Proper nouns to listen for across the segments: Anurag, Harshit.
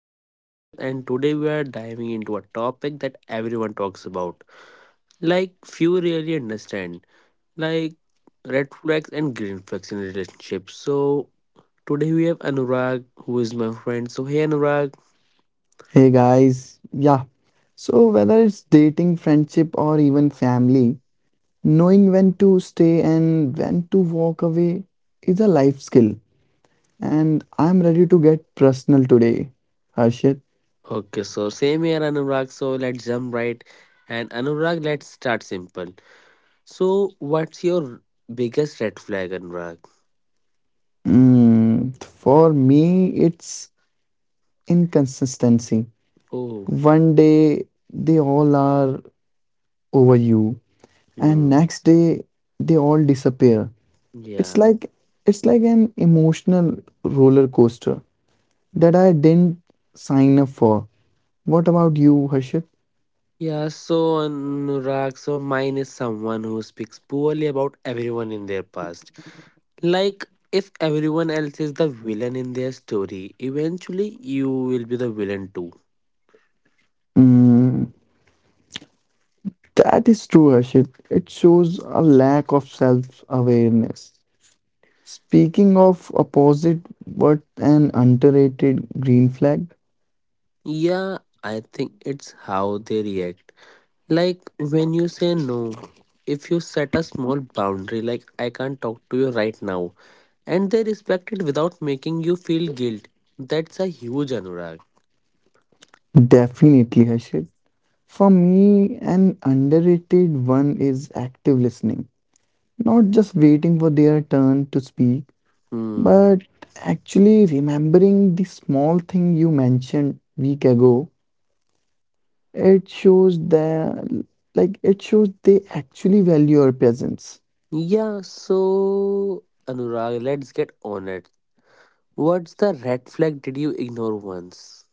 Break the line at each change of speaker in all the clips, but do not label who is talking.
I am Harshit, and today we are diving into a topic that everyone talks about, few really understand, like red flags and green flags in relationships. So, today we have Anurag, who is my friend. So, hey Anurag.
Hey guys, yeah. So, whether it's dating, friendship, or even family, knowing when to stay and when to walk away is a life skill. And I'm ready to get personal today, Harshit.
Okay, so same here, Anurag. So, let's jump right. And Anurag, let's start simple. So, what's your biggest red flag, Anurag?
For me, it's inconsistency.
Oh,
One day, they all are over you, and
hmm,
next day, they all disappear.
yeah.
It's like it's like an emotional roller coaster that I didn't sign up for. What about you, Harshit?
Yeah, so Anurag, so mine is someone who speaks poorly about everyone in their past. Like, if everyone else is the villain in their story, eventually you will be the villain too.
Mm, that is true, Harshit. It shows a lack of self-awareness. Speaking of opposite, what an underrated green flag?
Yeah, I think it's how they react. Like, when you say no, if you set a small boundary, like, I can't talk to you right now, and they respect it without making you feel guilt, that's a huge Anurag.
Definitely, Harshit. For me, an underrated one is active listening. Not just waiting for their turn to speak,
Hmm.
but actually remembering the small thing you mentioned week ago. It shows that, it shows they actually value your presence.
Yeah, so Anurag, let's get on it. What's the red flag did you ignore once?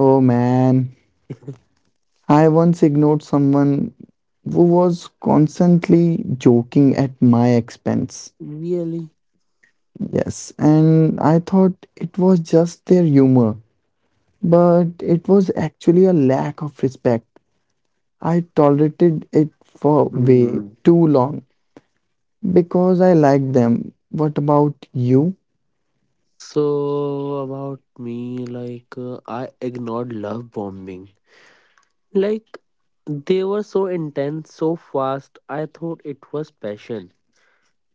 Oh man, I once ignored someone who was constantly joking at my expense.
Really?
Yes, and I thought it was just their humor, but it was actually a lack of respect. I tolerated it for
Hmm.
way too long because I liked them. What about you?
So about me, like I ignored love bombing. Like they were so intense, so fast. I thought it was passion.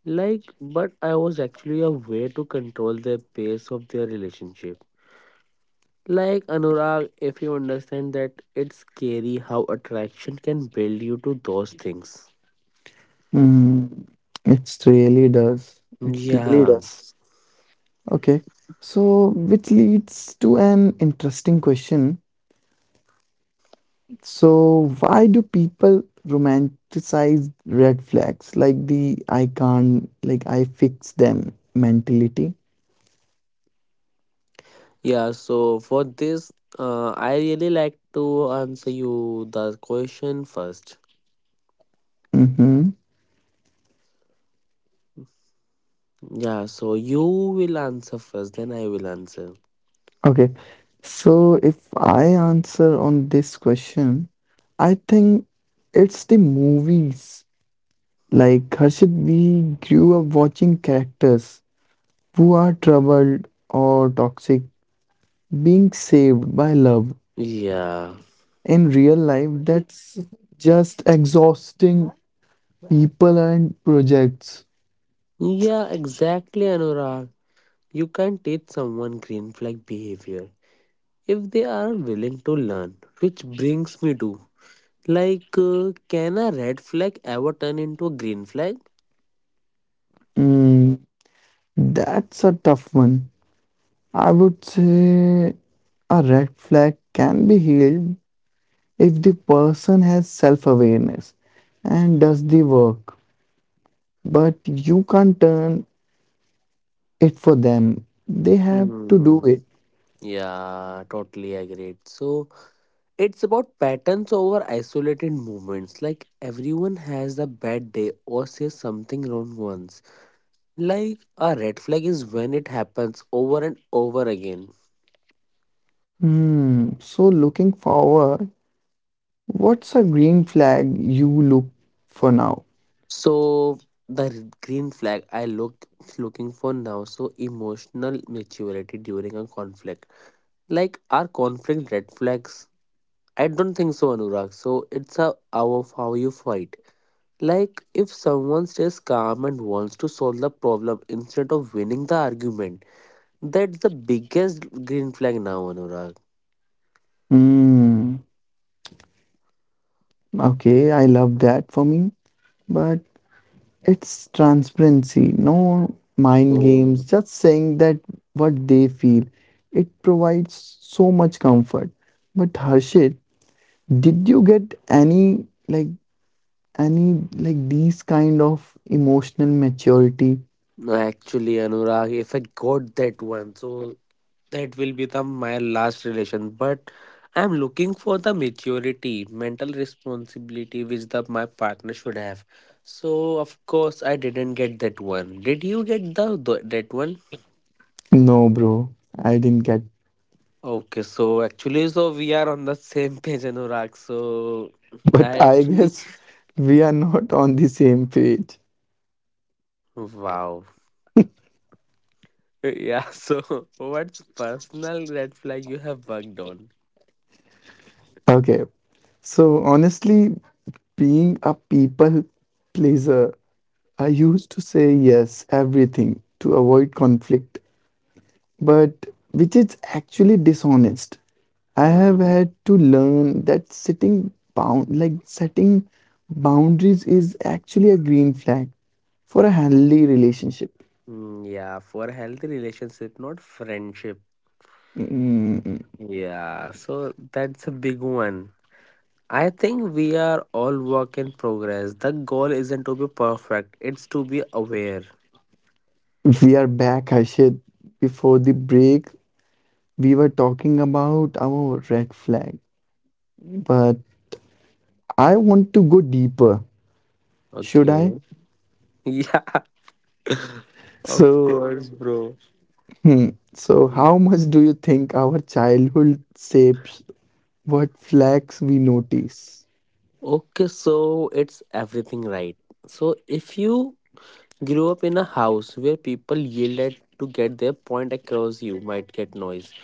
Like, but I was actually a way to control the pace of their relationship. Like Anurag, if you understand that it's scary how attraction can build you to those things.
Mm, it really does. It really
Yeah.
does. Okay. So, which leads to an interesting question. So, why do people romanticize red flags like the I can't, like I fix them mentality?
Yeah, so for this, I really like to answer you the question first.
Mm-hmm.
Yeah, so you will answer first, then I will answer.
Okay. So, if I answer on this question, I think it's the movies. Like Harshit, we grew up watching characters who are troubled or toxic, being saved by love.
Yeah.
In real life, that's just exhausting, people and projects.
Yeah, exactly, Anurag. You can teach someone green flag behavior if they are willing to learn, which brings me to like, can a red flag ever turn into a green flag?
Mm, that's a tough one. I would say a red flag can be healed if the person has self-awareness and does the work, but you can't turn it for them, they have to do
Hmm.
it.
Yeah, totally agreed. So, it's about patterns over isolated movements. Like, everyone has a bad day or says something wrong once. Like, a red flag is when it happens over and over again.
Hmm. So, looking forward, what's a green flag you look for now?
So, the green flag I looking for now. So, emotional maturity during a conflict. Like, are conflict red flags? I don't think so, Anurag. So it's a hour of how you fight. Like if someone stays calm and wants to solve the problem instead of winning the argument, that's the biggest green flag now, Anurag.
Hmm. Okay, I love that. For me, but it's transparency, no mind
Oh,
games, just saying that what they feel. It provides so much comfort. But Harshit, did you get any like these kind of emotional maturity?
actually, Anurag, if I got that one, so that will be the my last relation. But I'm looking for the maturity, mental responsibility which the my partner should have. So of course I didn't get that one. Did you get the that one?
No, bro, I didn't get.
Okay, so actually, so we are on the same page, Anurag. So I
But I
actually,
guess we are not on the same page.
wow, yeah. So what's personal red flag you have worked on?
Okay. So honestly, being a people pleaser, I used to say yes everything to avoid conflict, but which is actually dishonest. I have
Mm-hmm.
had to learn that sitting bound like setting boundaries is actually a green flag for a healthy relationship.
Mm, yeah, for a healthy relationship, not friendship. Yeah, so that's a big one. I think we are all work in progress. The goal isn't to be perfect; it's to be aware.
We are back, Harshit. Before the break, we were talking about our red flag, but I want to go deeper. Should
Okay.
I?
Yeah, of
So,
course, bro.
hmm, so how much do you think our childhood shapes what flags we notice?
Okay, so it's everything right. So if you grew up in a house where people yelled at to get their point across, you might get noise.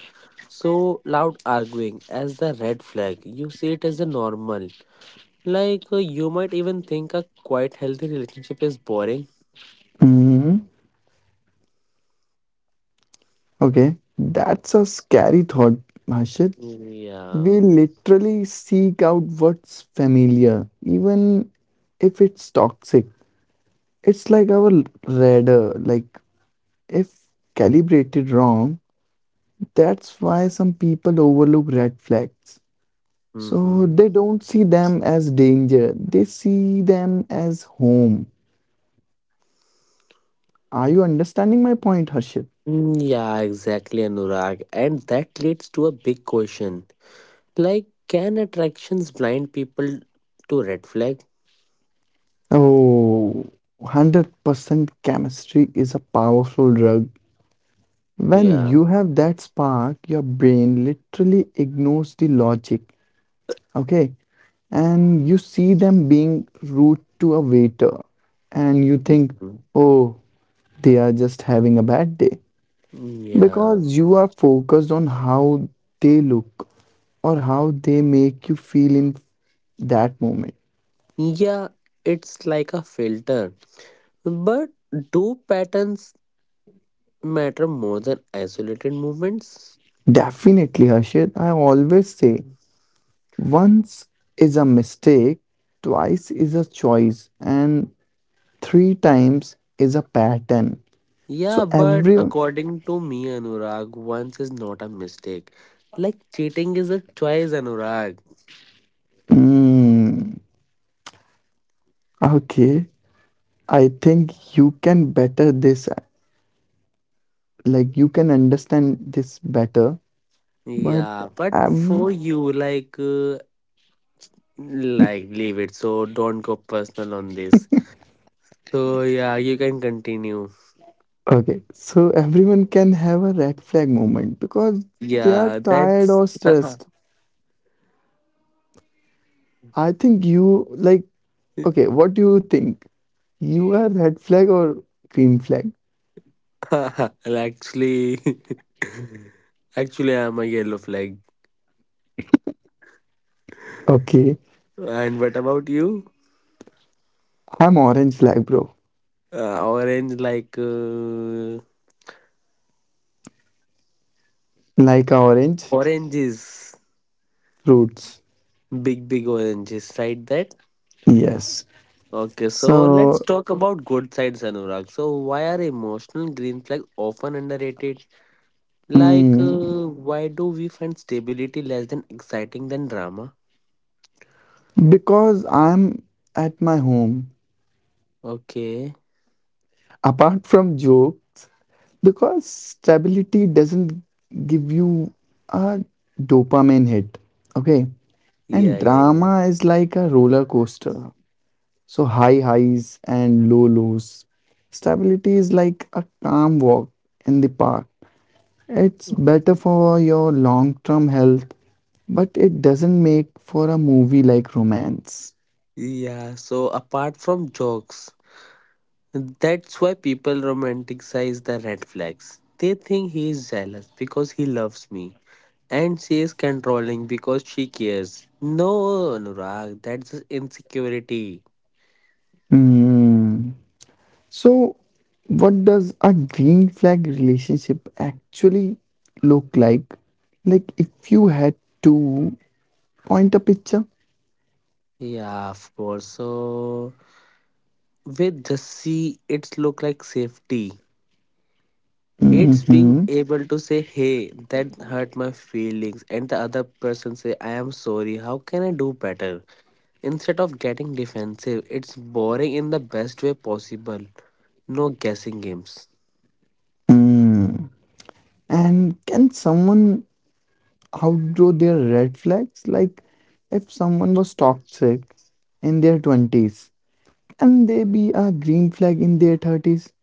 So loud arguing as the red flag. You see it as a normal. Like you might even think a quite healthy relationship is boring.
hmm Okay, that's a scary thought, Harshit.
Yeah.
We literally seek out what's familiar, even if it's toxic. It's like our radar, like if calibrated wrong, that's why some people overlook red flags. So
Mm-hmm.
they don't see them as danger, they see them as home. Are you understanding my point, Harshit?
Mm, yeah, exactly, Anurag. And that leads to a big question. Like, can attractions blind people to red flag?
Oh, 100% chemistry is a powerful drug. When
Yeah.
you have that spark, your brain literally ignores the logic, okay? And you see them being rude to a waiter, and you think,
Mm-hmm.
oh, they are just having a bad day.
Yeah.
Because you are focused on how they look or how they make you feel in that moment.
Yeah, it's like a filter. But do patterns matter more than isolated movements?
Definitely, Harshit. I always say once is a mistake, twice is a choice, and three times is a pattern.
Yeah,
So
but
every
according to me, Anurag, once is not a mistake. Like cheating is a choice, Anurag.
Hmm. Okay, I think you can better this. Like, you can understand this better. But
Yeah, but for
ev-
you, like leave it. So don't go personal on this. So yeah, you can continue.
Okay, so everyone can have a red flag moment because they
Yeah,
are tired
that's
or stressed. I think you like, okay, what do you think? You are red flag or green flag?
well, actually, actually, I'm a yellow flag.
Okay,
And what about you?
I'm orange flag, bro.
Orange, like
Like orange
oranges,
fruits.
big, big oranges, right? That
Yes.
okay. So let's
So,
talk about good sides, Anurag. So why are emotional green flag often underrated? Like,
mm,
why do we find stability less than exciting than drama?
because I'm at my home,
Okay.
apart from jokes, because stability doesn't give you a dopamine hit, okay?
Yeah,
And
yeah, yeah.
drama is like a roller coaster, so high highs and low lows. Stability is like a calm walk in the park. It's
Oh.
better for your long term health, but it doesn't make for a movie like romance.
Yeah, so apart from jokes, that's why people romanticize the red flags. They think he is jealous because he loves me, and she is controlling because she cares. No, Anurag, that's just insecurity.
Hmm. So, what does a green flag relationship actually look like? Like, if you had to point a picture?
Yeah, of course. So with the C, it's look like safety. It's being
hmm
able to say, "Hey, that hurt my feelings," and the other person say, "I am sorry. How can I do better?" Instead of getting defensive, it's boring in the best way possible. No guessing games.
And can someone outgrow their red flags? Like, if someone was toxic in their 20s, can they be a green flag in their 30s?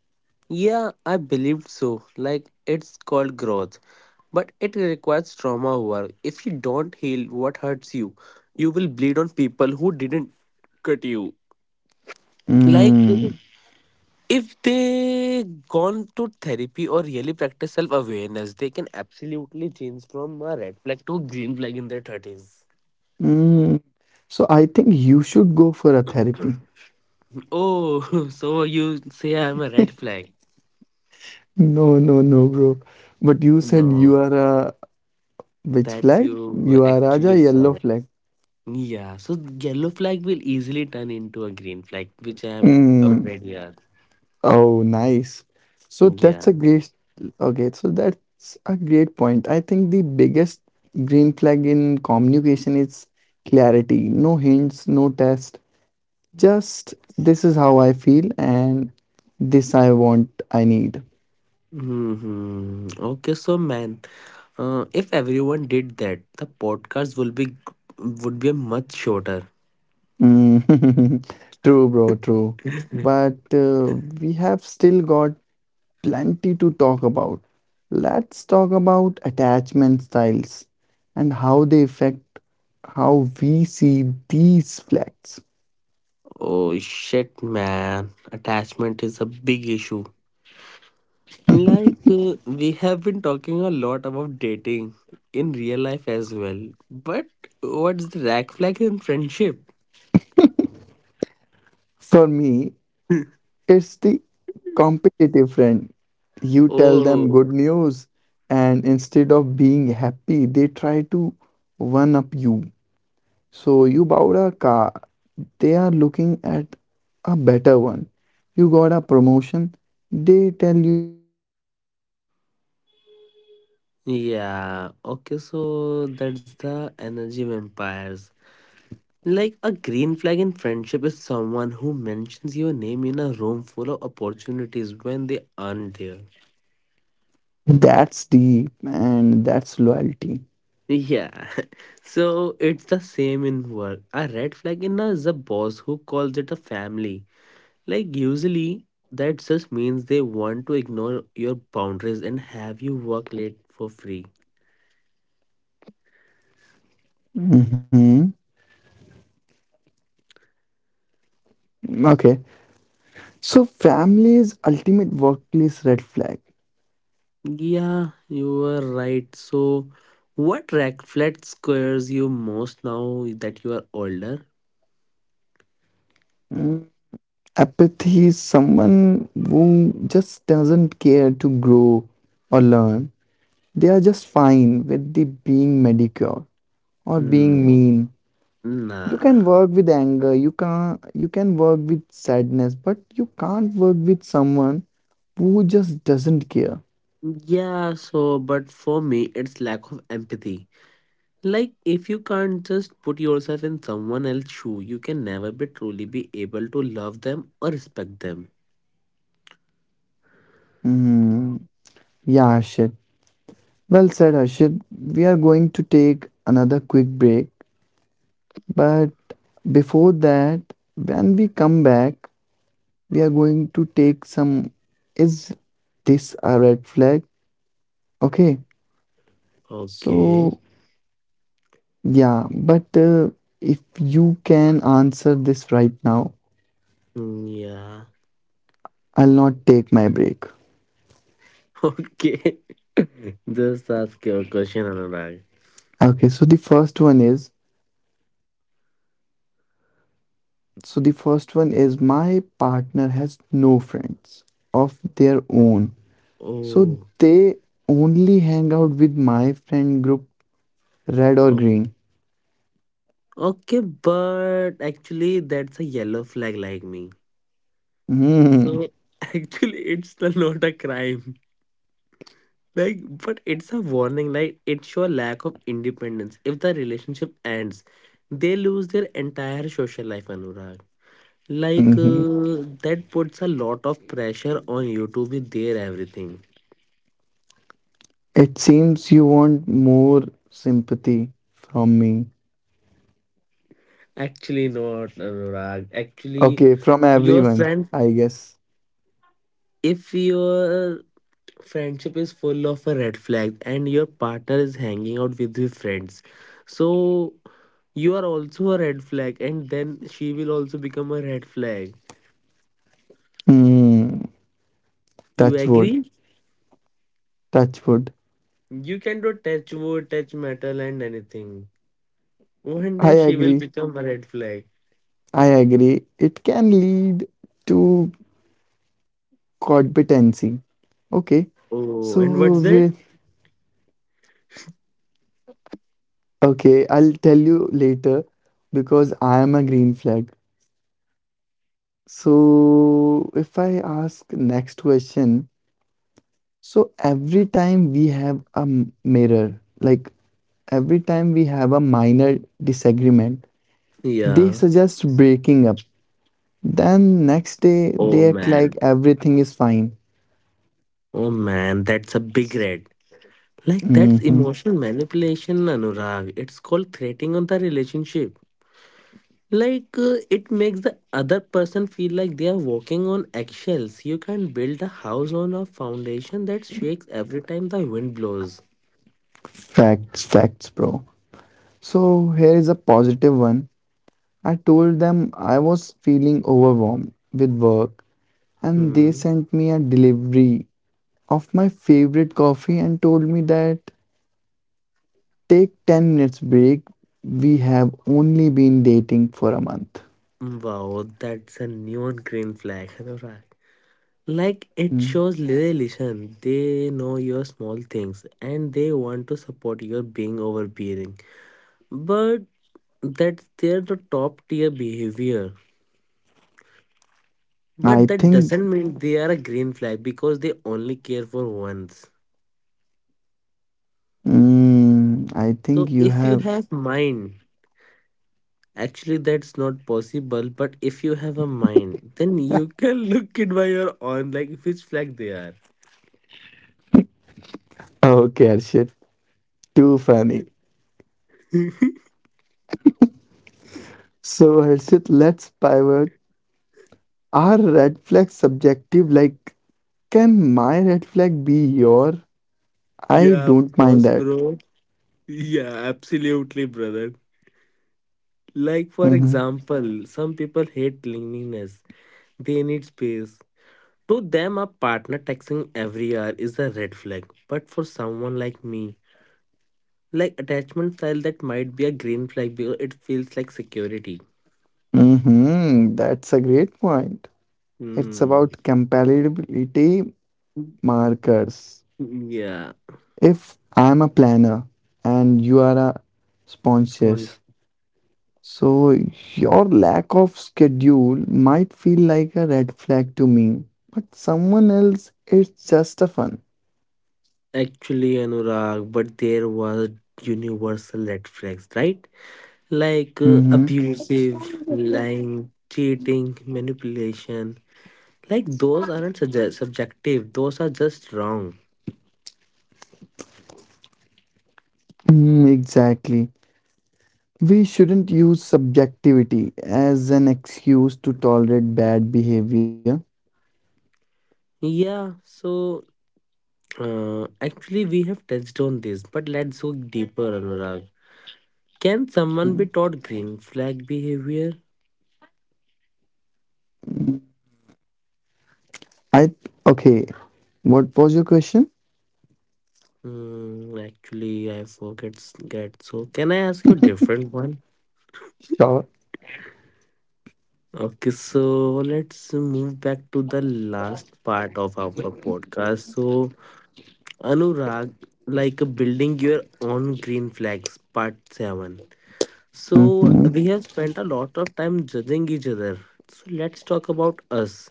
Yeah, I believed so. Like, it's called growth, but it requires trauma work. If you don't heal what hurts you, you will bleed on people who didn't cut you. Like,
Mm.
if they gone to therapy or really practice self awareness, they can absolutely change from a red flag to green flag in their 30s.
Mm. So, I think you should go for a therapy.
Oh, so you say I'm a red flag?
No, no, no, bro. But you said
No,
you are a which
that's
flag?
you
You are
actually
Raja yellow
sad.
flag.
Yeah, so yellow flag will easily turn into a green flag, which I am
Mm.
already at.
Oh, nice. So that's
Yeah.
a great. Okay, so that's a great point. I think the biggest green flag in communication is clarity. No hints, no test. Just this is how I feel, and this I want, I need.
Hmm. Okay, so man, if everyone did that, the podcast will be would be much shorter.
Mm. True, bro, true. But We have still got plenty to talk about. Let's talk about attachment styles and how they affect how we see these flags.
Oh shit, man. Attachment is a big issue. Like, we have been talking a lot about dating in real life as well. But what's the rack flag in friendship?
For me, it's the competitive friend. You tell them good
Oh.
news, and instead of being happy, they try to one up you. So you bought a car, they are looking at a better one. You got a promotion, they tell.
Yeah, okay, so that's the energy vampires. Like a green flag in friendship is someone who mentions your name in a room full of opportunities when they aren't there.
That's deep and that's loyalty.
Yeah, so it's the same in work. A red flag in us is a boss who calls it a family. Like, usually, that just means they want to ignore your boundaries and have you work late for free.
Mm-hmm. Okay. So family is ultimate workplace red flag.
Yeah, you are right. So, what reflect scares you most now that you are older?
Mm. Apathy is someone who just doesn't care to grow or learn. They are just fine with the being mediocre or being
No,
mean.
nah.
You can work with anger, you can work with sadness, but you can't work with someone who just doesn't care.
Yeah, so, but for me, it's lack of empathy. Like, if you can't just put yourself in someone else's shoe, you can never be truly be able to love them or respect them.
Hmm, yeah, Harshit. Well said, Harshit. We are going to take another quick break, but before that, when we come back, we are going to take some. Is this a red flag? Okay,
Okay.
so yeah, but if you can answer this right now,
Mm, yeah.
I'll not take my break.
Okay. Just ask your question, Anurag.
Okay, so the first one is my partner has no friends of their own. So
Oh.
they only hang out with my friend group, red or green.
Okay, but actually, that's a yellow flag like me. So
Hmm.
actually, it's the, not a crime. Like, but it's a warning. Like, it's your lack of independence. If the relationship ends, they lose their entire social life, Anurag. Like,
Mhm.
that puts a lot of pressure on you to be there, everything.
It seems you want more sympathy from me.
Actually, not, Anurag. Actually,
Okay, from
your
everyone,
friends,
I guess.
if your friendship is full of a red flag and your partner is hanging out with his friends, so you are also a red flag, and then she will also become a red flag.
Hmm.
You
Touch wood.
agree?
Touch wood.
You can do touch wood touch metal and anything. One day
I
she will
agree.
become a red flag.
I agree. It can lead to competency. Okay.
Oh, and
So
what's that?
we Okay, I'll tell you later because I am a green flag. So, if I ask next question, so every time we have a minor disagreement, they
Yeah.
suggest breaking up. Then next day
Oh
they act
man,
like everything is fine.
oh man, that's a big red. Like, that's
hmm
emotional manipulation, Anurag. It's called threatening on the relationship. Like it makes the other person feel like they are walking on eggshells. You can build a house on a foundation that shakes every time the wind blows.
Facts, facts, bro. So here is a positive one. I told them I was feeling overwhelmed with work, and they
Hmm.
sent me a delivery of my favorite coffee and told me that take 10 minutes break. We have only been dating for a month.
Wow, that's a neon green flag. right? Like it
Mm.
shows relation. They know your small things and they want to support your being overbearing. But that's they're the top tier behavior.
I
But that
think
doesn't mean they are a green flag because they only care for once.
mm, I think
So
you
if you
have
have mind, actually that's not possible. But if you have a mind, then you can look it by your own, like which flag they are.
Okay, Harshit. Too funny. So Harshit, let's pivot. Are red flags subjective? Like, can my red flag be your? I
Yeah, of
don't mind
course,
that.
bro. Yeah, absolutely, brother. Like for
Mm-hmm.
example, some people hate loneliness. They need space. To them, a partner texting every hour is a red flag. But for someone like me, like attachment style, that might be a green flag because it feels like security.
Mm-hmm. That's a great point. It's
Hmm.
about compatibility markers.
Yeah.
If I'm a planner and you are a
Spon-
sponges, so your lack of schedule might feel like a red flag to me, but someone else, it's just a fun.
actually, Anurag, but there was universal red flags, right? Like
Mm-hmm.
abusive, lying, cheating, manipulation. Like those aren't subjective; those are just wrong.
Exactly. We shouldn't use subjectivity as an excuse to tolerate bad behavior.
Yeah. So, actually, we have touched on this, but let's go deeper, Anurag. Can someone
Mm.
be taught green flag behavior?
I Okay. What was your question?
Hmm, actually, I forget that. So, can I ask you a different one?
Sure.
Okay, so let's move back to the last part of our podcast. So, Anurag, like building your own green flags, part 7. So,
Mhm.
we have spent a lot of time judging each other. So, let's talk about us.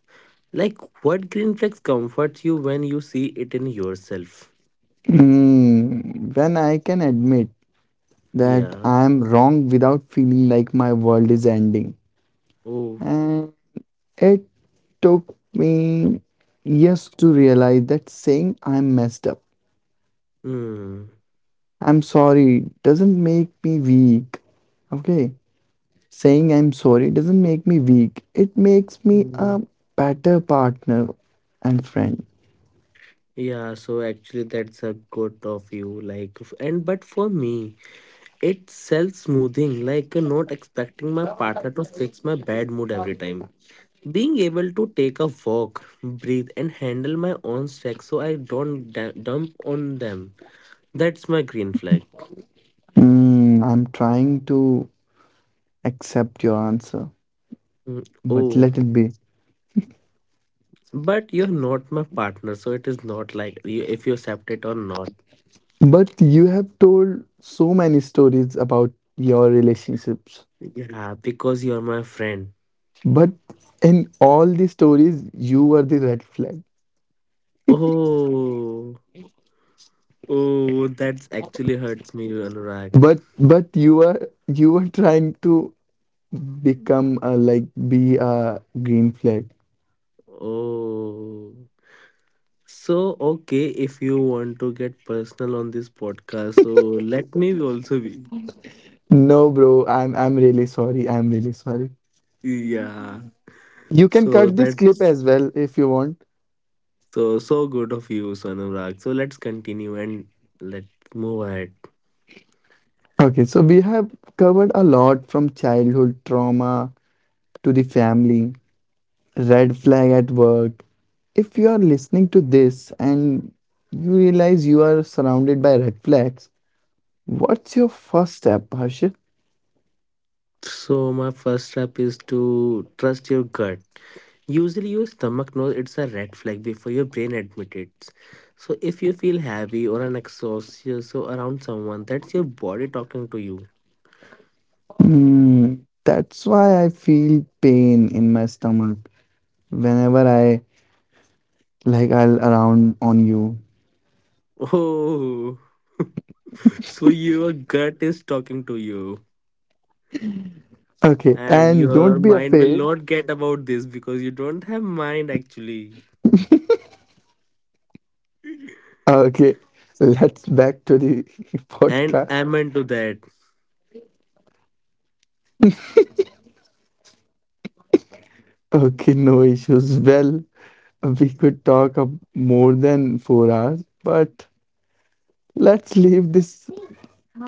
Like, what green flags comforts you when you see it in yourself?
When I can admit that
Yeah.
I'm wrong without feeling like my world is ending.
Oh.
And it took me years to realize that saying I'm messed up,
Hmm.
I'm sorry doesn't make me weak. Okay, saying I'm sorry doesn't make me weak, it makes me
Hmm.
a better partner and friend.
Yeah, so actually that's a good of you like and but for me it's self smoothing, like not expecting my partner to fix my bad mood every time. Being able to take a walk, breathe, and handle my own stress so I don't dump on them. That's my green flag.
Hmm, I'm trying to accept your answer,
Mm,
but
oh,
let it be.
but you're not my partner, so it is not like you, if you accept it or not.
But you have told so many stories about your relationships.
Yeah, because you're my friend.
But in all the stories, you were the red flag.
Oh, oh, that's actually hurts me, Anurag.
But you were trying to become a, like be a green flag.
Oh. So, okay, if you want to get personal on this podcast, so let me also be.
No, bro, I'm really sorry. I'm really sorry.
Yeah.
You can
So
cut this clip
that's
as well if you want.
so so good of you, Sonamrag. So let's continue and let's move ahead.
Okay, so we have covered a lot, from childhood trauma to the family. Red flag at work. If you are listening to this and you realize you are surrounded by red flags, what's your first step, Harshit?
So my first step is to trust your gut. Usually your stomach knows it's a red flag before your brain admits it. So if you feel heavy or an exhaustion so around someone, that's your body talking to you.
Hmm, that's why I feel pain in my stomach whenever I I'll around on you.
Oh. So your gut is talking to you,
Okay,
and
and
your
don't be
mind will
afraid.
not get about this because you don't have mind actually.
Okay, let's back to the
And
podcast.
I'm into that.
Okay, no issues. Well, we could more than 4 hours, but let's leave this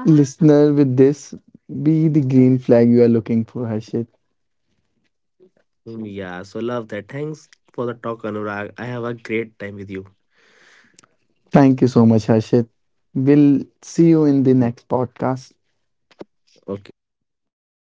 listener with this. Be the green flag you are looking for, Harshit.
Mm, yeah, so love that. Thanks for the talk, Anurag. I have a great time with you.
Thank you so much, Harshit. We'll
Mm,
see you in the next podcast.
okay, sure.